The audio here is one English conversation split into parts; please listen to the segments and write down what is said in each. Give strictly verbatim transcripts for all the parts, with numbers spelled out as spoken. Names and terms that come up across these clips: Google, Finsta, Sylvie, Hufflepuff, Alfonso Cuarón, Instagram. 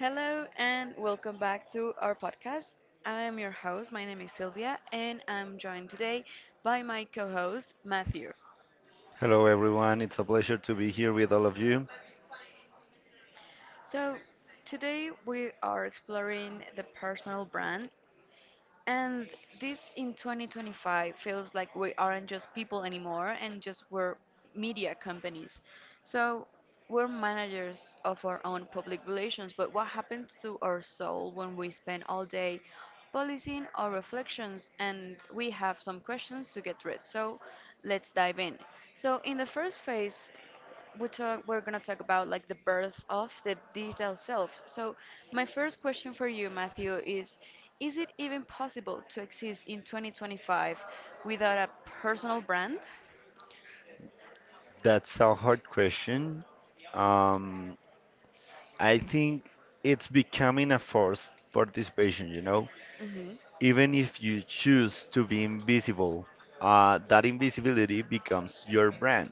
Hello and welcome back to our podcast. I am your host. My name is Sylvia, and I'm joined today by my co host, Matthew. Hello, everyone. It's a pleasure to be here with all of you. So, Today we are exploring the personal brand. And this in twenty twenty-five feels like we aren't just people anymore and just we're media companies. So we're managers of our own public relations, but what happens to our soul when we spend all day policing our reflections? And we have some questions to get read. So let's dive in. So in the first phase, we talk, we're going to talk about like the birth of the digital self. So, my first question for you, Matthew, is is it even possible to exist in twenty twenty-five without a personal brand? That's a hard question. Um, I think it's becoming a forced participation, you know? Mhm. Even if you choose to be invisible, uh, that invisibility becomes your brand,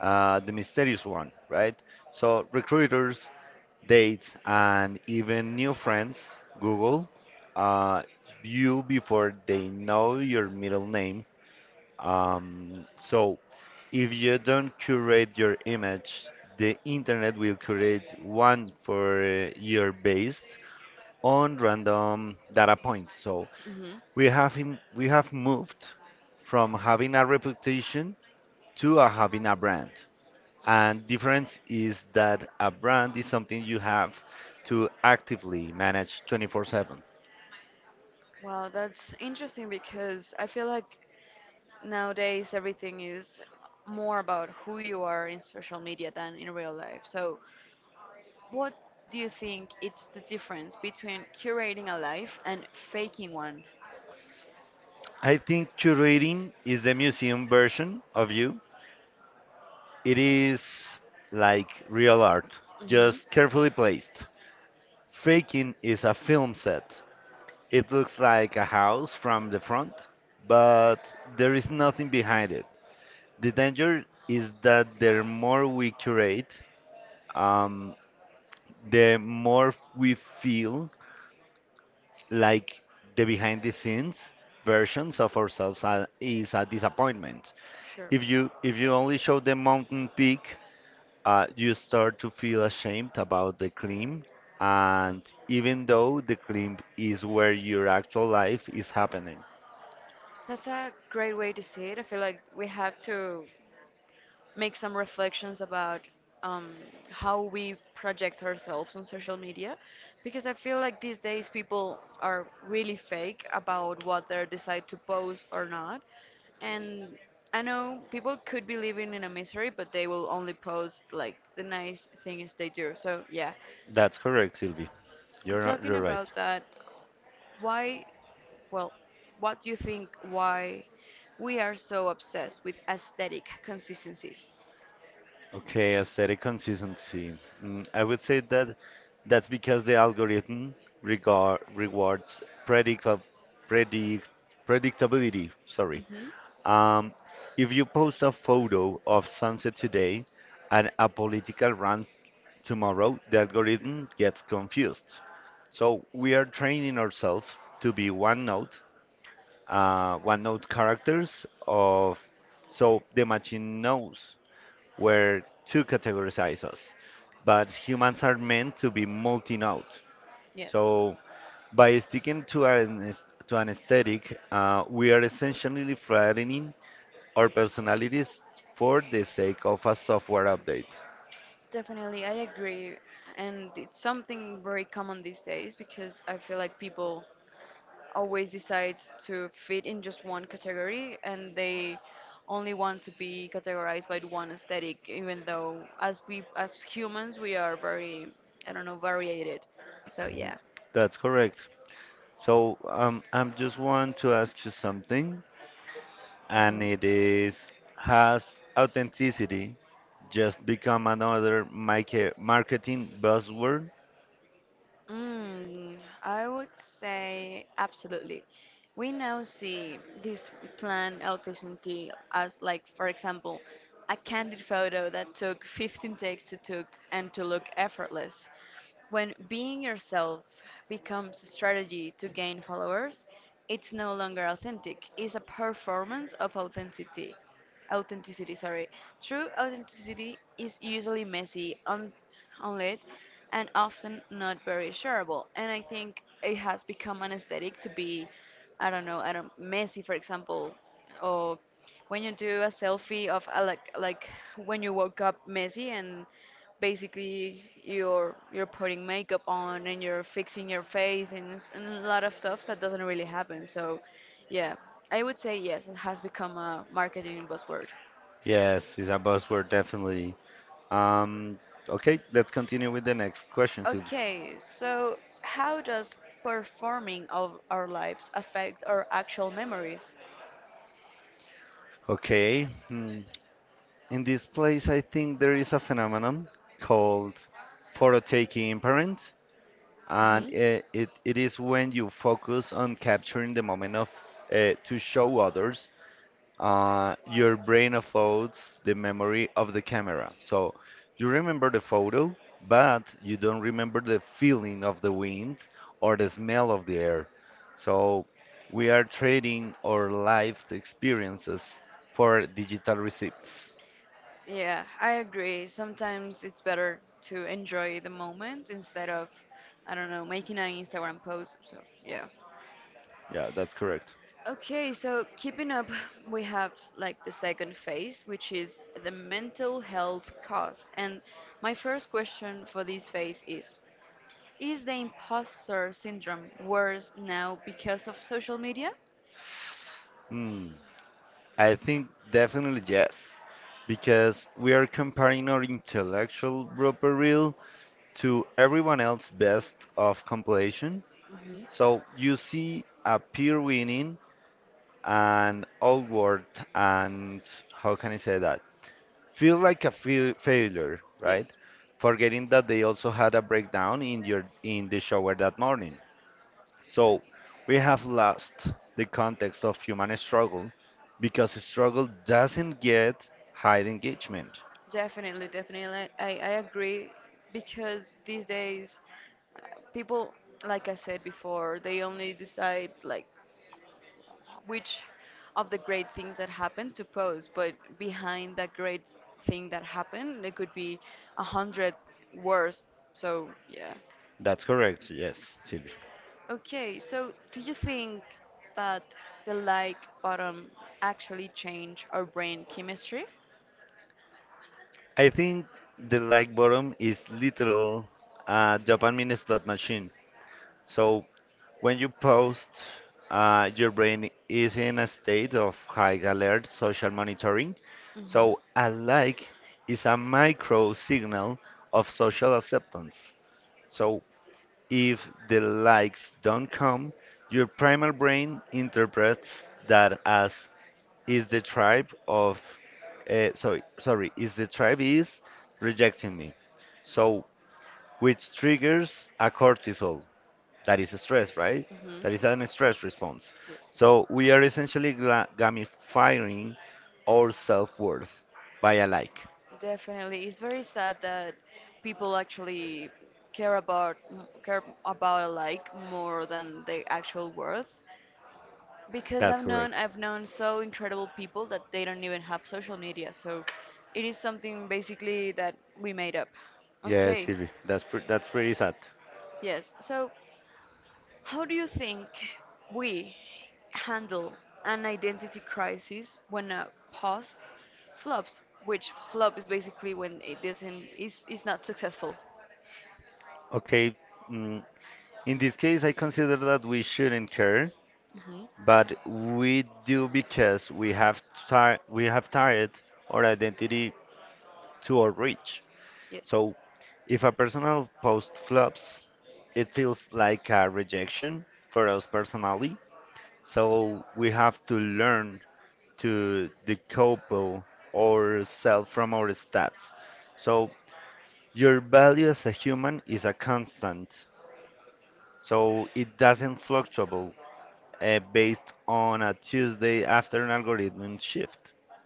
uh, the mysterious one, right? So, recruiters, dates, and even new friends, Google, uh, you before they know your middle name. Um, so, If you don't curate your image, the internet will curate one for uh, your based on random data points. So Mhm. we have him, we have moved from having a reputation to a having a brand. And difference is that a brand is something you have to actively manage twenty-four seven. Wow, that's interesting because I feel like nowadays everything is more about who you are in social media than in real life. So, what do you think it's the difference between curating a life and faking one? I think curating is the museum version of you. It is like real art, Hmm. just carefully placed. Faking is a film set. It looks like a house from the front, but there is nothing behind it. The danger is that the more we curate, um, the more we feel like the behind the scenes versions of ourselves are, is a disappointment. Sure. If you if you only show the mountain peak, uh, you start to feel ashamed about the claim. And even though the claim is where your actual life is happening. That's a great way to see it. I feel like we have to make some reflections about um, how we project ourselves on social media because I feel like these days people are really fake about what they decide to post or not. And I know people could be living in a misery, but they will only post like the nice things they do. So, yeah. That's correct, Sylvie. I'm You're not, talking You're right. about that. Why, well, what do you think why we are so obsessed with aesthetic consistency? Okay, aesthetic consistency. Mm, I would say that that's because the algorithm regard rewards predict predict predictability. Sorry. Hmm. Um, if you post a photo of sunset today and a political rant. Tomorrow, the algorithm gets confused. So we are training ourselves to be one note, uh, one note characters of, so the machine knows where to categorize us. But humans are meant to be multi-note. Yes. So by sticking to an aes- to an aesthetic, uh, we are essentially flattening our personalities for the sake of a software update. Definitely, I agree. And it's something very common these days because I feel like people always decide to fit in just one category and they only want to be categorized by one aesthetic, even though as we as humans we are very I don't know, variated. So yeah. That's correct. So um, I'm just want to ask you something, and it Mm-hmm. is has authenticity just become another mica- marketing buzzword? Mm, I would say absolutely. We now see this planned authenticity as, like, for example, a candid photo that took fifteen takes to took and to look effortless. When being yourself becomes a strategy to gain followers, it's no longer authentic. It's a performance of authenticity authenticity, sorry. True authenticity is usually messy, un- unlit, and often not very shareable. And I think it has become an aesthetic to be, I don't know, I don't messy, for example, or when you do a selfie of a, like like when you woke up messy and basically you're you're putting makeup on and you're fixing your face and, s- and a lot of stuff that doesn't really happen, so yeah, I would say yes, it has become a marketing buzzword. Yes, it's a buzzword definitely. Um, okay, let's continue with the next question, Silvia. Okay, so how does performing of our lives affect our actual memories? Okay, hmm, in this place, I think there is a phenomenon called photo taking parent, and Hmm. uh, it, it is when you focus on capturing the moment of uh, to show others, uh, your brain uploads the memory of the camera. So you remember the photo, but you don't remember the feeling of the wind or the smell of the air. So we are trading our life experiences for digital receipts. Yeah, I agree. Sometimes it's better to enjoy the moment instead of, I don't know, making an Instagram post. So, yeah. Yeah, that's correct. Okay, so keeping up, we have like the second phase, which is the mental health cost. And my first question for this phase is Is the imposter syndrome worse now because of social media? Hmm. I think definitely yes, because we are comparing our intellectual blooper reel to everyone else's best of compilation. Hmm. So you see a peer winning and outward, and how can I say that? Feel like a feel failure, right? Yes. Forgetting that they also had a breakdown in your in the shower that morning. So we have lost the context of human struggle because struggle doesn't get high engagement. Definitely, definitely. I, I agree because these days uh, people, like I said before, they only decide like which of the great things that happened to post, but behind that great thing that happened, there could be a hundred worse. So yeah. That's correct, yes, Sylvie. Okay, so do you think that the like button actually change our brain chemistry? I think the like bottom is literal uh, dopamine slot machine. So when you post, uh, your brain is in a state of high alert social monitoring. Hmm. So a like is a micro signal of social acceptance. So if the likes don't come, your primal brain interprets that as is the tribe of, uh, sorry, sorry, is the tribe is rejecting me. So which triggers a cortisol. That is a stress, right? Hmm. That is an stress response. Yes. So we are essentially gla- gamifying our self-worth by a like. Definitely, it's very sad that people actually care about m- care about a like more than the actual worth. Because That's I've known correct. I've known so incredible people that they don't even have social media, so it is something basically that we made up. Yes, Okay. Hilary, that's pre- that's pretty sad. Yes. So how do you think we handle an identity crisis when a post flops, which flop is basically when it doesn't is is not successful? Okay, mm, in this case, I consider that we shouldn't care, Hmm. but we do because we have ti we have tied our identity to our reach. Yes. So, if a personal post flops, it feels like a rejection for us personally. So we have to learn to decouple ourselves from our stats. So your value as a human is a constant. So it doesn't fluctuate uh, based on a Tuesday after an algorithm shift.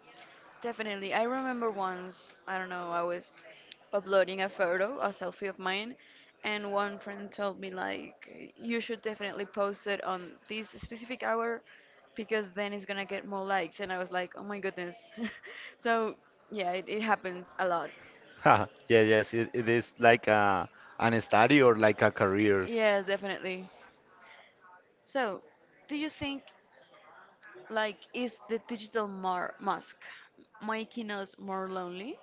Definitely. I remember once, I don't know, I was uploading a photo, a selfie of mine, and one friend told me, like, you should definitely post it on this specific hour because then it's gonna get more likes. And I was like, oh my goodness. So, yeah, it, it happens a lot. Ha, yeah, yes, it, it is like a, an study or like a career. Yes, definitely. So, do you think, like, is the digital mar mask making us more lonely?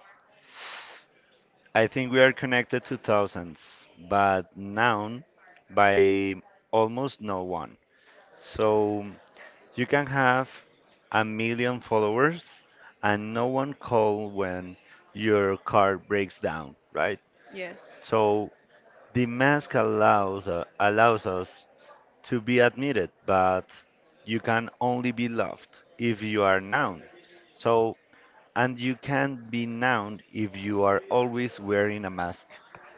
I think we are connected to thousands, but known by almost no one. So you can have a million followers and no one call when your car breaks down, right? Yes. So the mask allows uh, allows us to be admitted, but you can only be loved if you are known. So and you can't be known if you are always wearing a mask,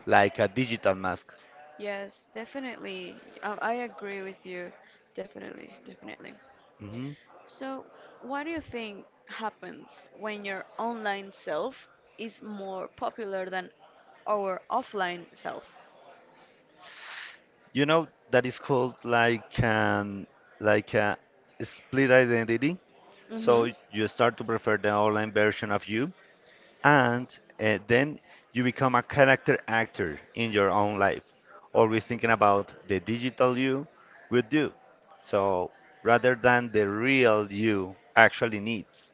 like a digital mask. Yes, definitely. Um, I agree with you. Definitely, definitely. Hmm. So, what do you think happens when your online self is more popular than our offline self? You know that is called like an like a split identity. Mm-hmm. So you start to prefer the online version of you, and uh, then you become a character actor in your own life, always thinking about the digital you would do. So rather than the real you actually needs,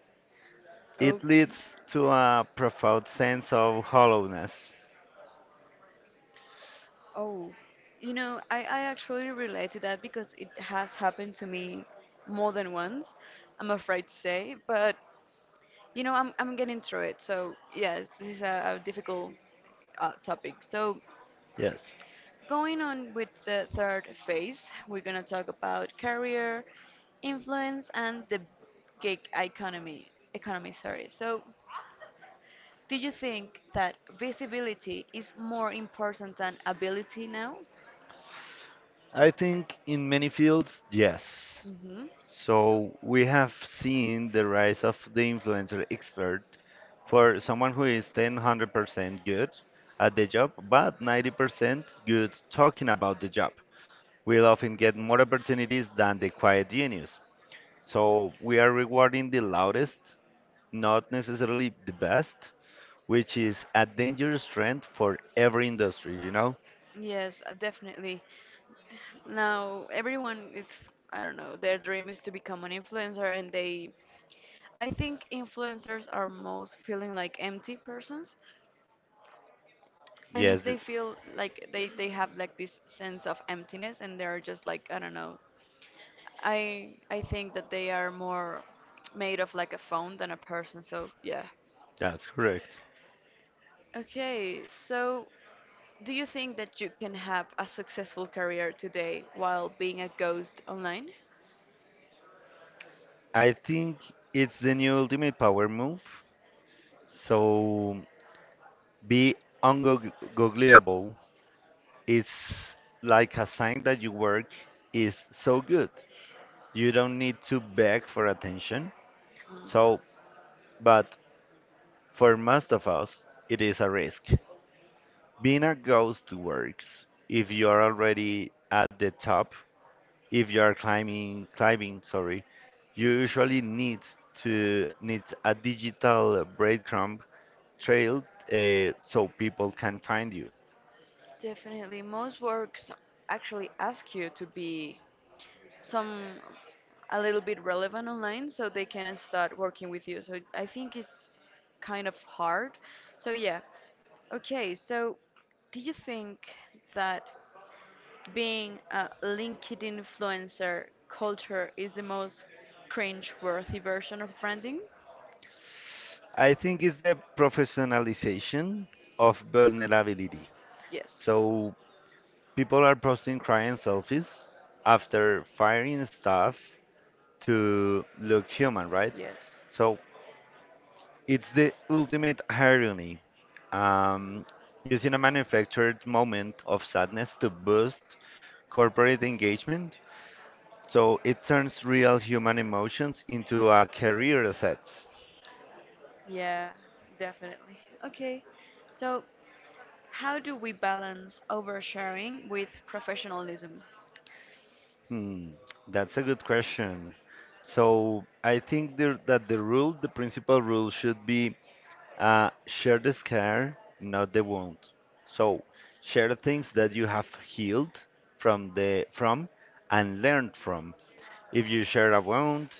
it Okay. leads to a profound sense of hollowness. Oh, you know, I, I actually relate to that because it has happened to me more than once, I'm afraid to say, but you know, I'm, I'm getting through it. So, yes, this is a, a difficult uh, topic. So, Yes, going on with the third phase, we're going to talk about career, influence, and the gig economy. Economy, sorry. So, do you think that visibility is more important than ability now? I think in many fields, yes. Hmm. So we have seen the rise of the influencer expert for someone who is one hundred percent good at the job, but ninety percent good talking about the job. We'll often get more opportunities than the quiet genius. So we are rewarding the loudest, not necessarily the best, which is a dangerous trend for every industry, you know? Yes, uh, definitely. Now, everyone is, I don't know, their dream is to become an influencer, and they, I think influencers are most feeling like empty persons. And if Yes, th- they feel like they they have like this sense of emptiness and they're just like, I don't know. I I think that they are more made of like a phone than a person. So yeah. that's correct. Okay, so do you think that you can have a successful career today while being a ghost online? I think it's the new ultimate power move. So be ungoogleable. It's like a sign that your work is so good. You don't need to beg for attention. Mm. So, but for most of us, it is a risk. Being a ghost works if you are already at the top, if you are climbing, climbing, sorry, you usually need to need a digital breadcrumb trail uh, so people can find you. Definitely. Most works actually ask you to be some a little bit relevant online so they can start working with you. So I think it's kind of hard. So yeah. Okay, so do you think that being a LinkedIn influencer culture is the most cringe-worthy version of branding? I think it's the professionalization of vulnerability. Yes. So people are posting crying selfies after firing stuff to look human, right? Yes. So it's the ultimate irony. Um, Using a manufactured moment of sadness to boost corporate engagement. So it turns real human emotions into a career assets. Yeah, definitely. Okay. So, how do we balance oversharing with professionalism? Hmm, that's a good question. So I think there, that the rule, the principal rule, should be uh, share the scar, not the wound. So share the things that you have healed from the from and learned from. If you share a wound,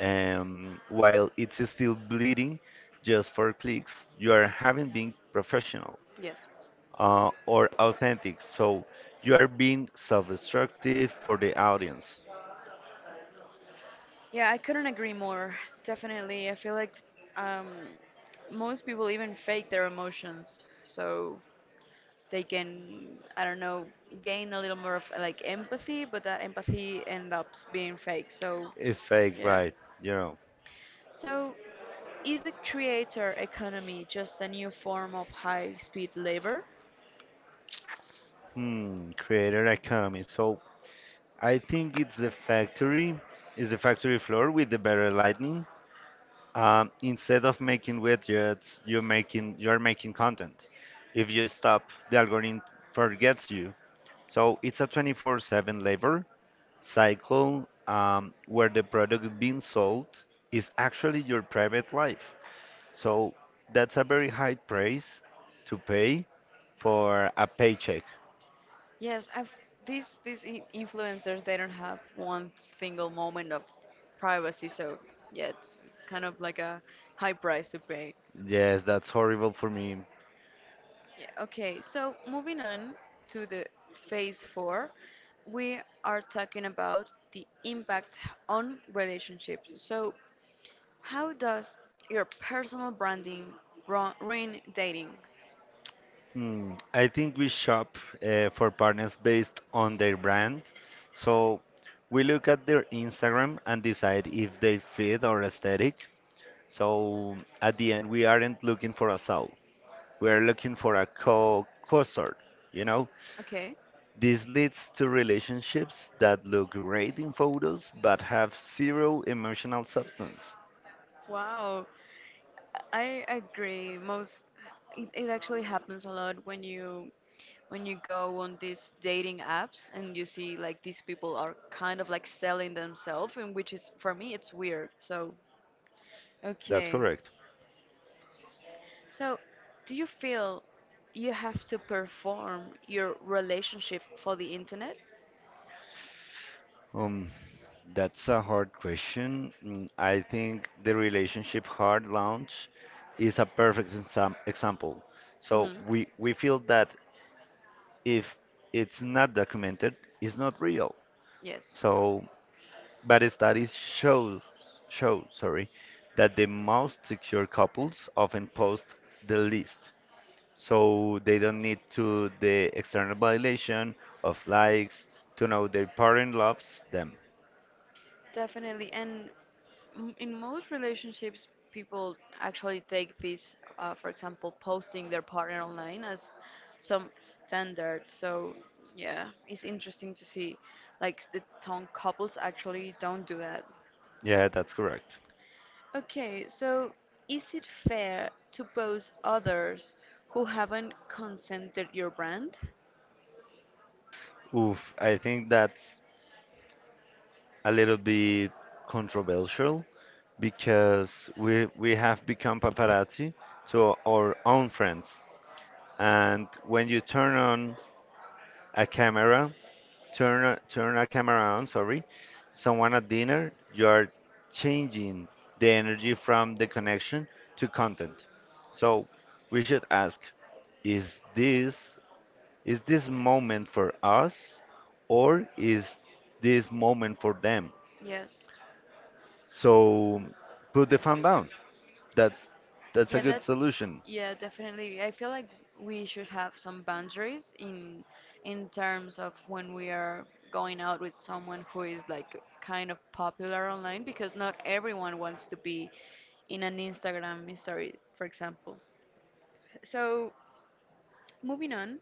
um, while it's still bleeding, just for clicks, you are having been professional Yes. uh, or authentic. So you are being self-destructive for the audience. Yeah, I couldn't agree more. Definitely. I feel like um, most people even fake their emotions so they can, I don't know, gain a little more of like empathy, but that empathy ends up being fake. So, It's fake, yeah. right? You know. So, is the creator economy just a new form of high speed labor? Hmm, creator economy. So I think it's the factory, is the factory floor with the better lighting. Um, instead of making widgets, you're making you're making content. If you stop, the algorithm forgets you. So it's a twenty-four seven labor cycle, um, where the product being sold is actually your private life. So that's a very high price to pay for a paycheck. Yes, I've these these in- influencers they don't have one single moment of privacy, so yeah, it's, it's kind of like a high price to pay. Yes, that's horrible for me. Yeah, okay, so moving on to the phase four, we are talking about the impact on relationships. So, how does your personal branding ru- ruin dating? Mm, I think we shop uh, for partners based on their brand. So we look at their Instagram and decide if they fit our aesthetic. So at the end, we aren't looking for a soul. We are looking for a co co-star, you know? Okay, This leads to relationships that look great in photos but have zero emotional substance. wow, I I agree. Most it, it actually happens a lot when you when you go on these dating apps and you see like these people are kind of like selling themselves, and which is for me it's weird, so That's okay. correct. So do you feel you have to perform your relationship for the internet? Um, that's a hard question. Mm, I think the relationship hard launch is a perfect exam example. So Hmm. we we feel that if it's not documented, it's not real. Yes, So, but studies show show, sorry, that the most secure couples often post the least. So they don't need to the external validation of likes to know their partner loves them. definitely. And M- in most relationships, people actually take this, uh, for example, posting their partner online as some standard. So, yeah, it's interesting to see like the some couples actually don't do that. Yeah, that's correct. Okay, so is it fair to post others who haven't consented your brand? Oof, I think that's a little bit controversial because we we have become paparazzi to our own friends. And when you turn on a camera, turn a- turn a camera on, sorry, someone at dinner, you are changing the energy from the connection to content. So we should ask, is this is this moment for us or is this moment for them? Yes. So put the phone down. That's that's a Yeah, good that's solution. yeah, definitely. I feel like we should have some boundaries in in terms of when we are going out with someone who is like kind of popular online because not everyone wants to be in an Instagram story, for example. So, moving on,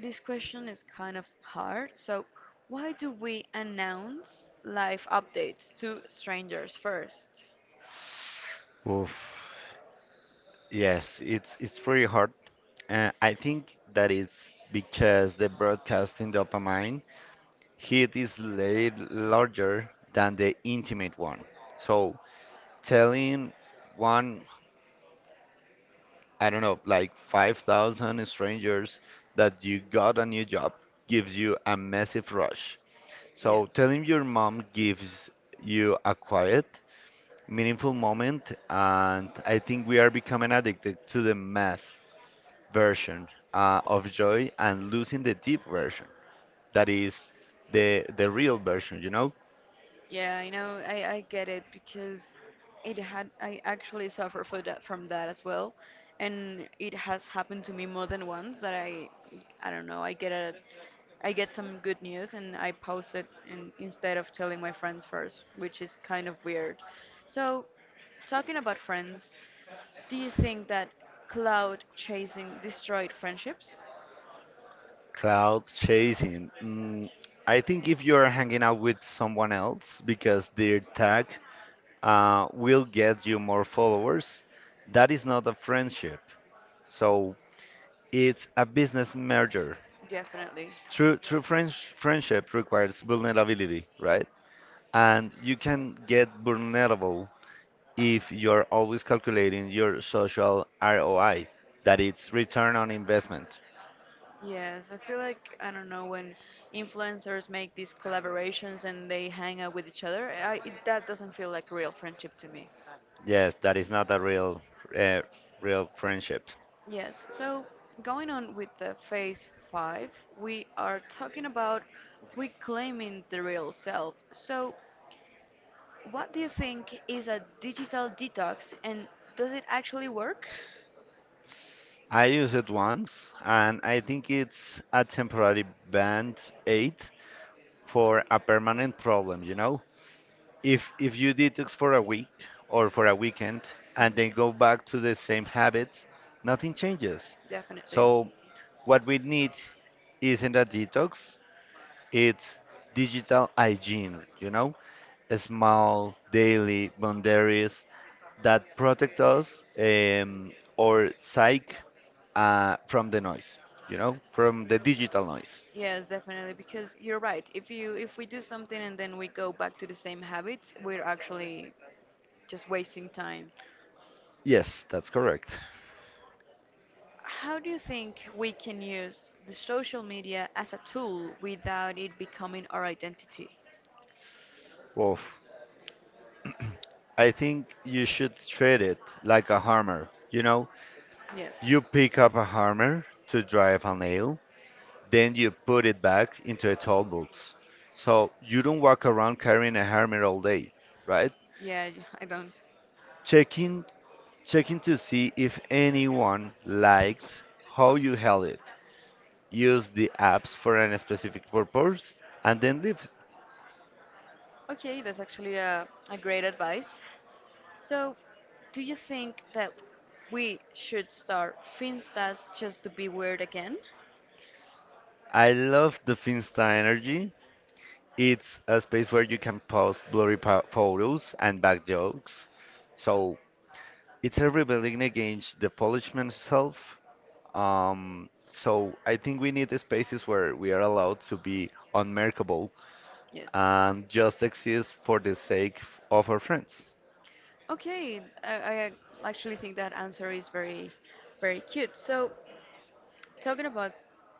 this question is kind of hard. So, why do we announce life updates to strangers first? Oof. Yes, it's it's pretty hard. Uh, I think that it's because the broadcasting dopamine hit is la- larger than the intimate one. So telling one, I don't know, like five thousand strangers that you got a new job gives you a massive rush. So Yes. telling your mom gives you a quiet, meaningful moment, and I think we are becoming addicted to the mass version uh, of joy and losing the deep version. That is the the real version, you know? Yeah, you know, I, I get it because it had I actually suffer for that from that as well, and it has happened to me more than once that I I don't know, I get a I get some good news and I post it and instead of telling my friends first, which is kind of weird. So, talking about friends, do you think that cloud chasing destroyed friendships? Cloud chasing. Mm, I think if you're hanging out with someone else because their tag uh, will get you more followers. That is not a friendship. So it's a business merger. Definitely. True, true friends, friendship requires vulnerability, right? And you can get vulnerable if you're always calculating your social R O I, that it's return on investment. Yes, I feel like I don't know when influencers make these collaborations and they hang out with each other. I, it, that doesn't feel like real friendship to me. Yes, that is not a real, uh, real friendship. Yes, so going on with the phase five, we are talking about reclaiming the real self. So, what do you think is a digital detox and does it actually work? I used it once, and I think it's a temporary band aid for a permanent problem, you know? If if you detox for a week or for a weekend and then go back to the same habits, nothing changes. Definitely. So what we need isn't a detox, it's digital hygiene, you know? Small daily boundaries that protect us um, or psych uh, from the noise, you know, from the digital noise. Yes, definitely, because you're right. If you if we do something and then we go back to the same habits, we're actually just wasting time. Yes, that's correct. How do you think we can use the social media as a tool without it becoming our identity? Woof. I think you should treat it like a hammer. You know, Yes. you pick up a hammer to drive a nail, then you put it back into a tool box. So you don't walk around carrying a hammer all day, right? Yeah, I don't. Checking, checking to see if anyone liked how you held it. Use the apps for a specific purpose and then leave. Okay, that's actually a, a great advice. So, do you think that we should start finstas just to be weird again? I love the Finsta energy. It's a space where you can post blurry po- photos and bad jokes. So it's a rebellion against the polishman self. Um, so I think we need spaces where we are allowed to be unmerkable Yes. and just exist for the sake of our friends. Okay, I, I actually think that answer is very, very cute. So, talking about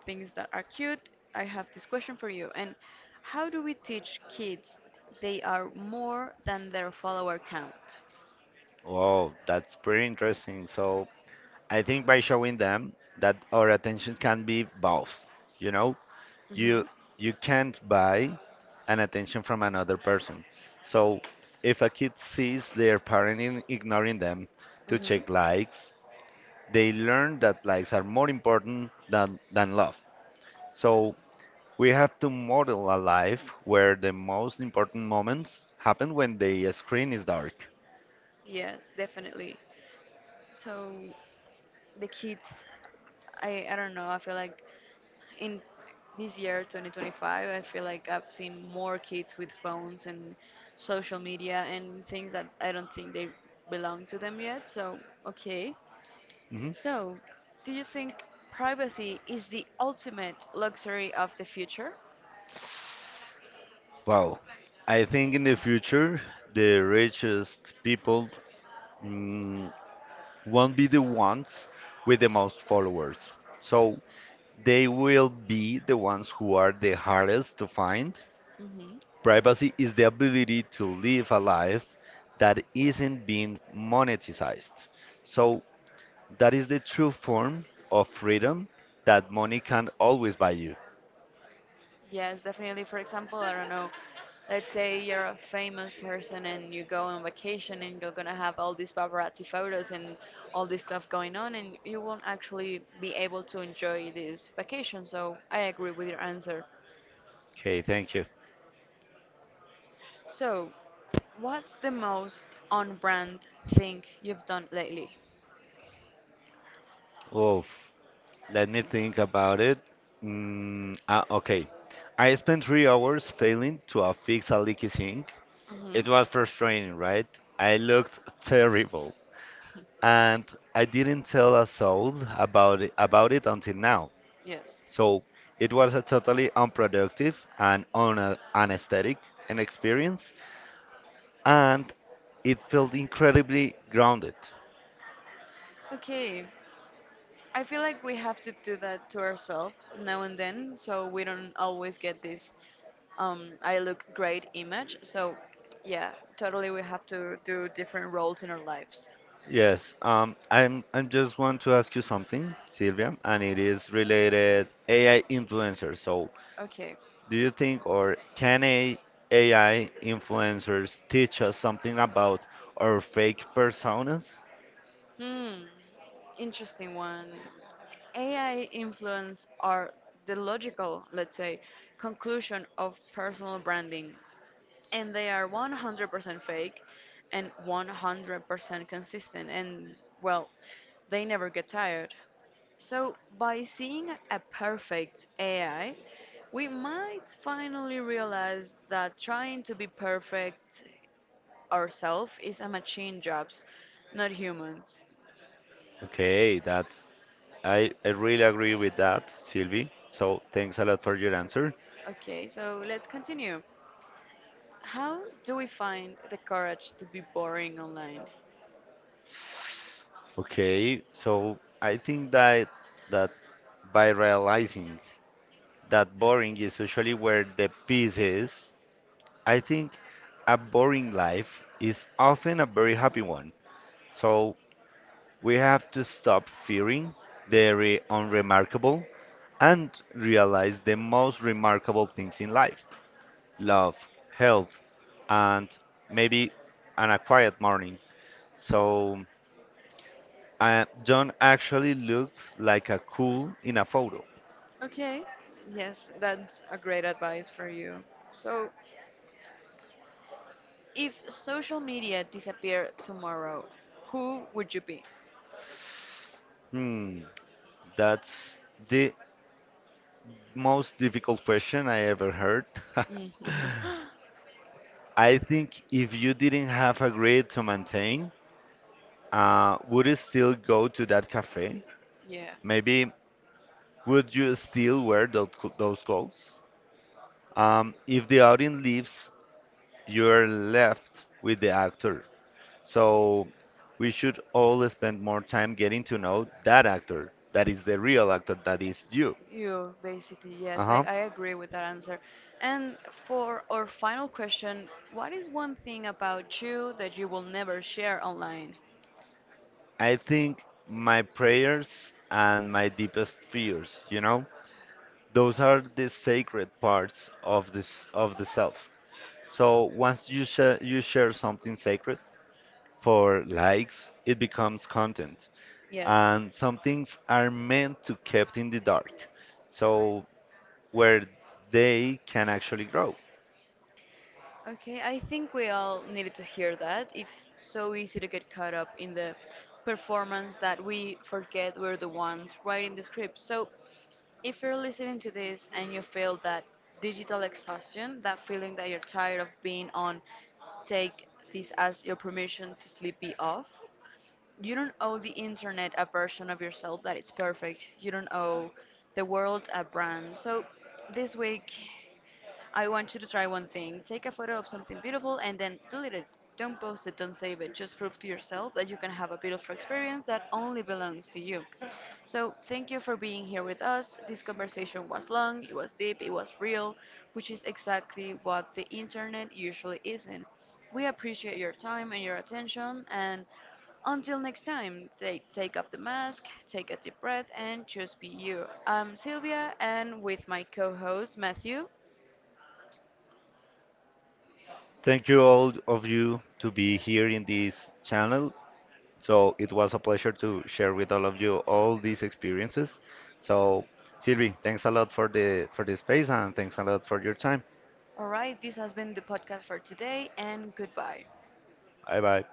things that are cute, I have this question for you. And how do we teach kids they are more than their follower count? Wow, that's pretty interesting. So I think by showing them that our attention can be both, you know, you Hmm. you can't buy an attention from another person, so if a kid sees their parent in ignoring them to Hmm. check likes, they learn that likes are more important than than love. So we have to model a life where the most important moments happen when the screen is dark. Yes, definitely. So, the kids I, I don't know, I feel like in this year twenty twenty-five I feel like I've seen more kids with phones and social media and things that I don't think they belong to them yet, so okay. Mhm. So do you think privacy is the ultimate luxury of the future? Wow, I think in the future the richest people mm, won't be the ones with the most followers, so they will be the ones who are the hardest to find. Hmm. Privacy is the ability to live a life that isn't being monetized. So that is the true form of freedom that money can always buy you. Yes, definitely. For example, I don't know, let's say you're a famous person and you go on vacation and you're gonna have all these paparazzi photos and all this stuff going on, and you won't actually be able to enjoy this vacation. So I agree with your answer. Okay, thank you. So, what's the most on brand thing you've done lately? Oh, let me think about it. Mm, ah, okay. I spent three hours failing to uh, fix a leaky sink. Mm-hmm. It was frustrating, right? I looked terrible, and I didn't tell a soul about it, about it until now. Yes. So it was a totally unproductive and un- anesthetic an experience, and it felt incredibly grounded. Okay, I feel like we have to do that to ourselves now and then, so we don't always get this um, I look great image. So, yeah, totally, we have to do different roles in our lives. Yes, um, I'm I just want to ask you something, Sylvia, Yes. and it is related A I influencers. So, Okay. do you think or can a AI influencers teach us something about our fake personas? Hmm. Interesting one. A I influence are the logical, let's say, conclusion of personal branding. And they are one hundred percent fake and one hundred percent consistent and well, they never get tired. So by seeing a perfect AI we might finally realize that trying to be perfect ourselves is a machine jobs, not humans. Okay, that's I, I really agree with that, Sylvie. So thanks a lot for your answer. Okay, so let's continue. How do we find the courage to be boring online? Okay, so I think that that by realizing that boring is usually where the peace is, I think a boring life is often a very happy one. So we have to stop fearing the re- unremarkable and realize the most remarkable things in life: love, health, and maybe an a quiet morning. So uh, John actually looked like a cool in a photo. Okay, yes, that's a great advice for you. So, if social media disappeared tomorrow, who would you be? Hmm, that's the most difficult question I ever heard. Mm. I think if you didn't have a grade to maintain, uh, would you still go to that cafe? Yeah, Maybe would you still wear those, those clothes? Um, if the audience leaves, you're left with the actor. So we should all spend more time getting to know that actor, that is the real actor, that is you. you basically, yes, I, Uh-huh. I agree with that answer. And for our final question, what is one thing about you that you will never share online? I think my prayers and my deepest fears, you know, those are the sacred parts of this of the self. So once you share you share something sacred for likes, it becomes content. Yes. And some things are meant to kept in the dark. So where they can actually grow. Okay, I think we all needed to hear that. It's so easy to get caught up in the performance that we forget we're the ones writing the script. So, if you're listening to this and you feel that digital exhaustion, that feeling that you're tired of being on, take this as your permission to sleepy off. You don't owe the internet a version of yourself that is perfect. You don't owe the world a brand. So, this week, I want you to try one thing. Take a photo of something beautiful and then delete it. Don't post it, don't save it. Just prove to yourself that you can have a beautiful experience that only belongs to you. So, thank you for being here with us. This conversation was long, it was deep, it was real, which is exactly what the internet usually isn't. We appreciate your time and your attention, and until next time, take, take off the mask, take a deep breath, and just be you. I'm Sylvia, and with my co host Matthew. Thank you all of you to be here in this channel. So it was a pleasure to share with all of you all these experiences. So Sylvie, thanks a lot for the for the space and thanks a lot for your time. All right, this has been the podcast for today, and goodbye. Bye bye.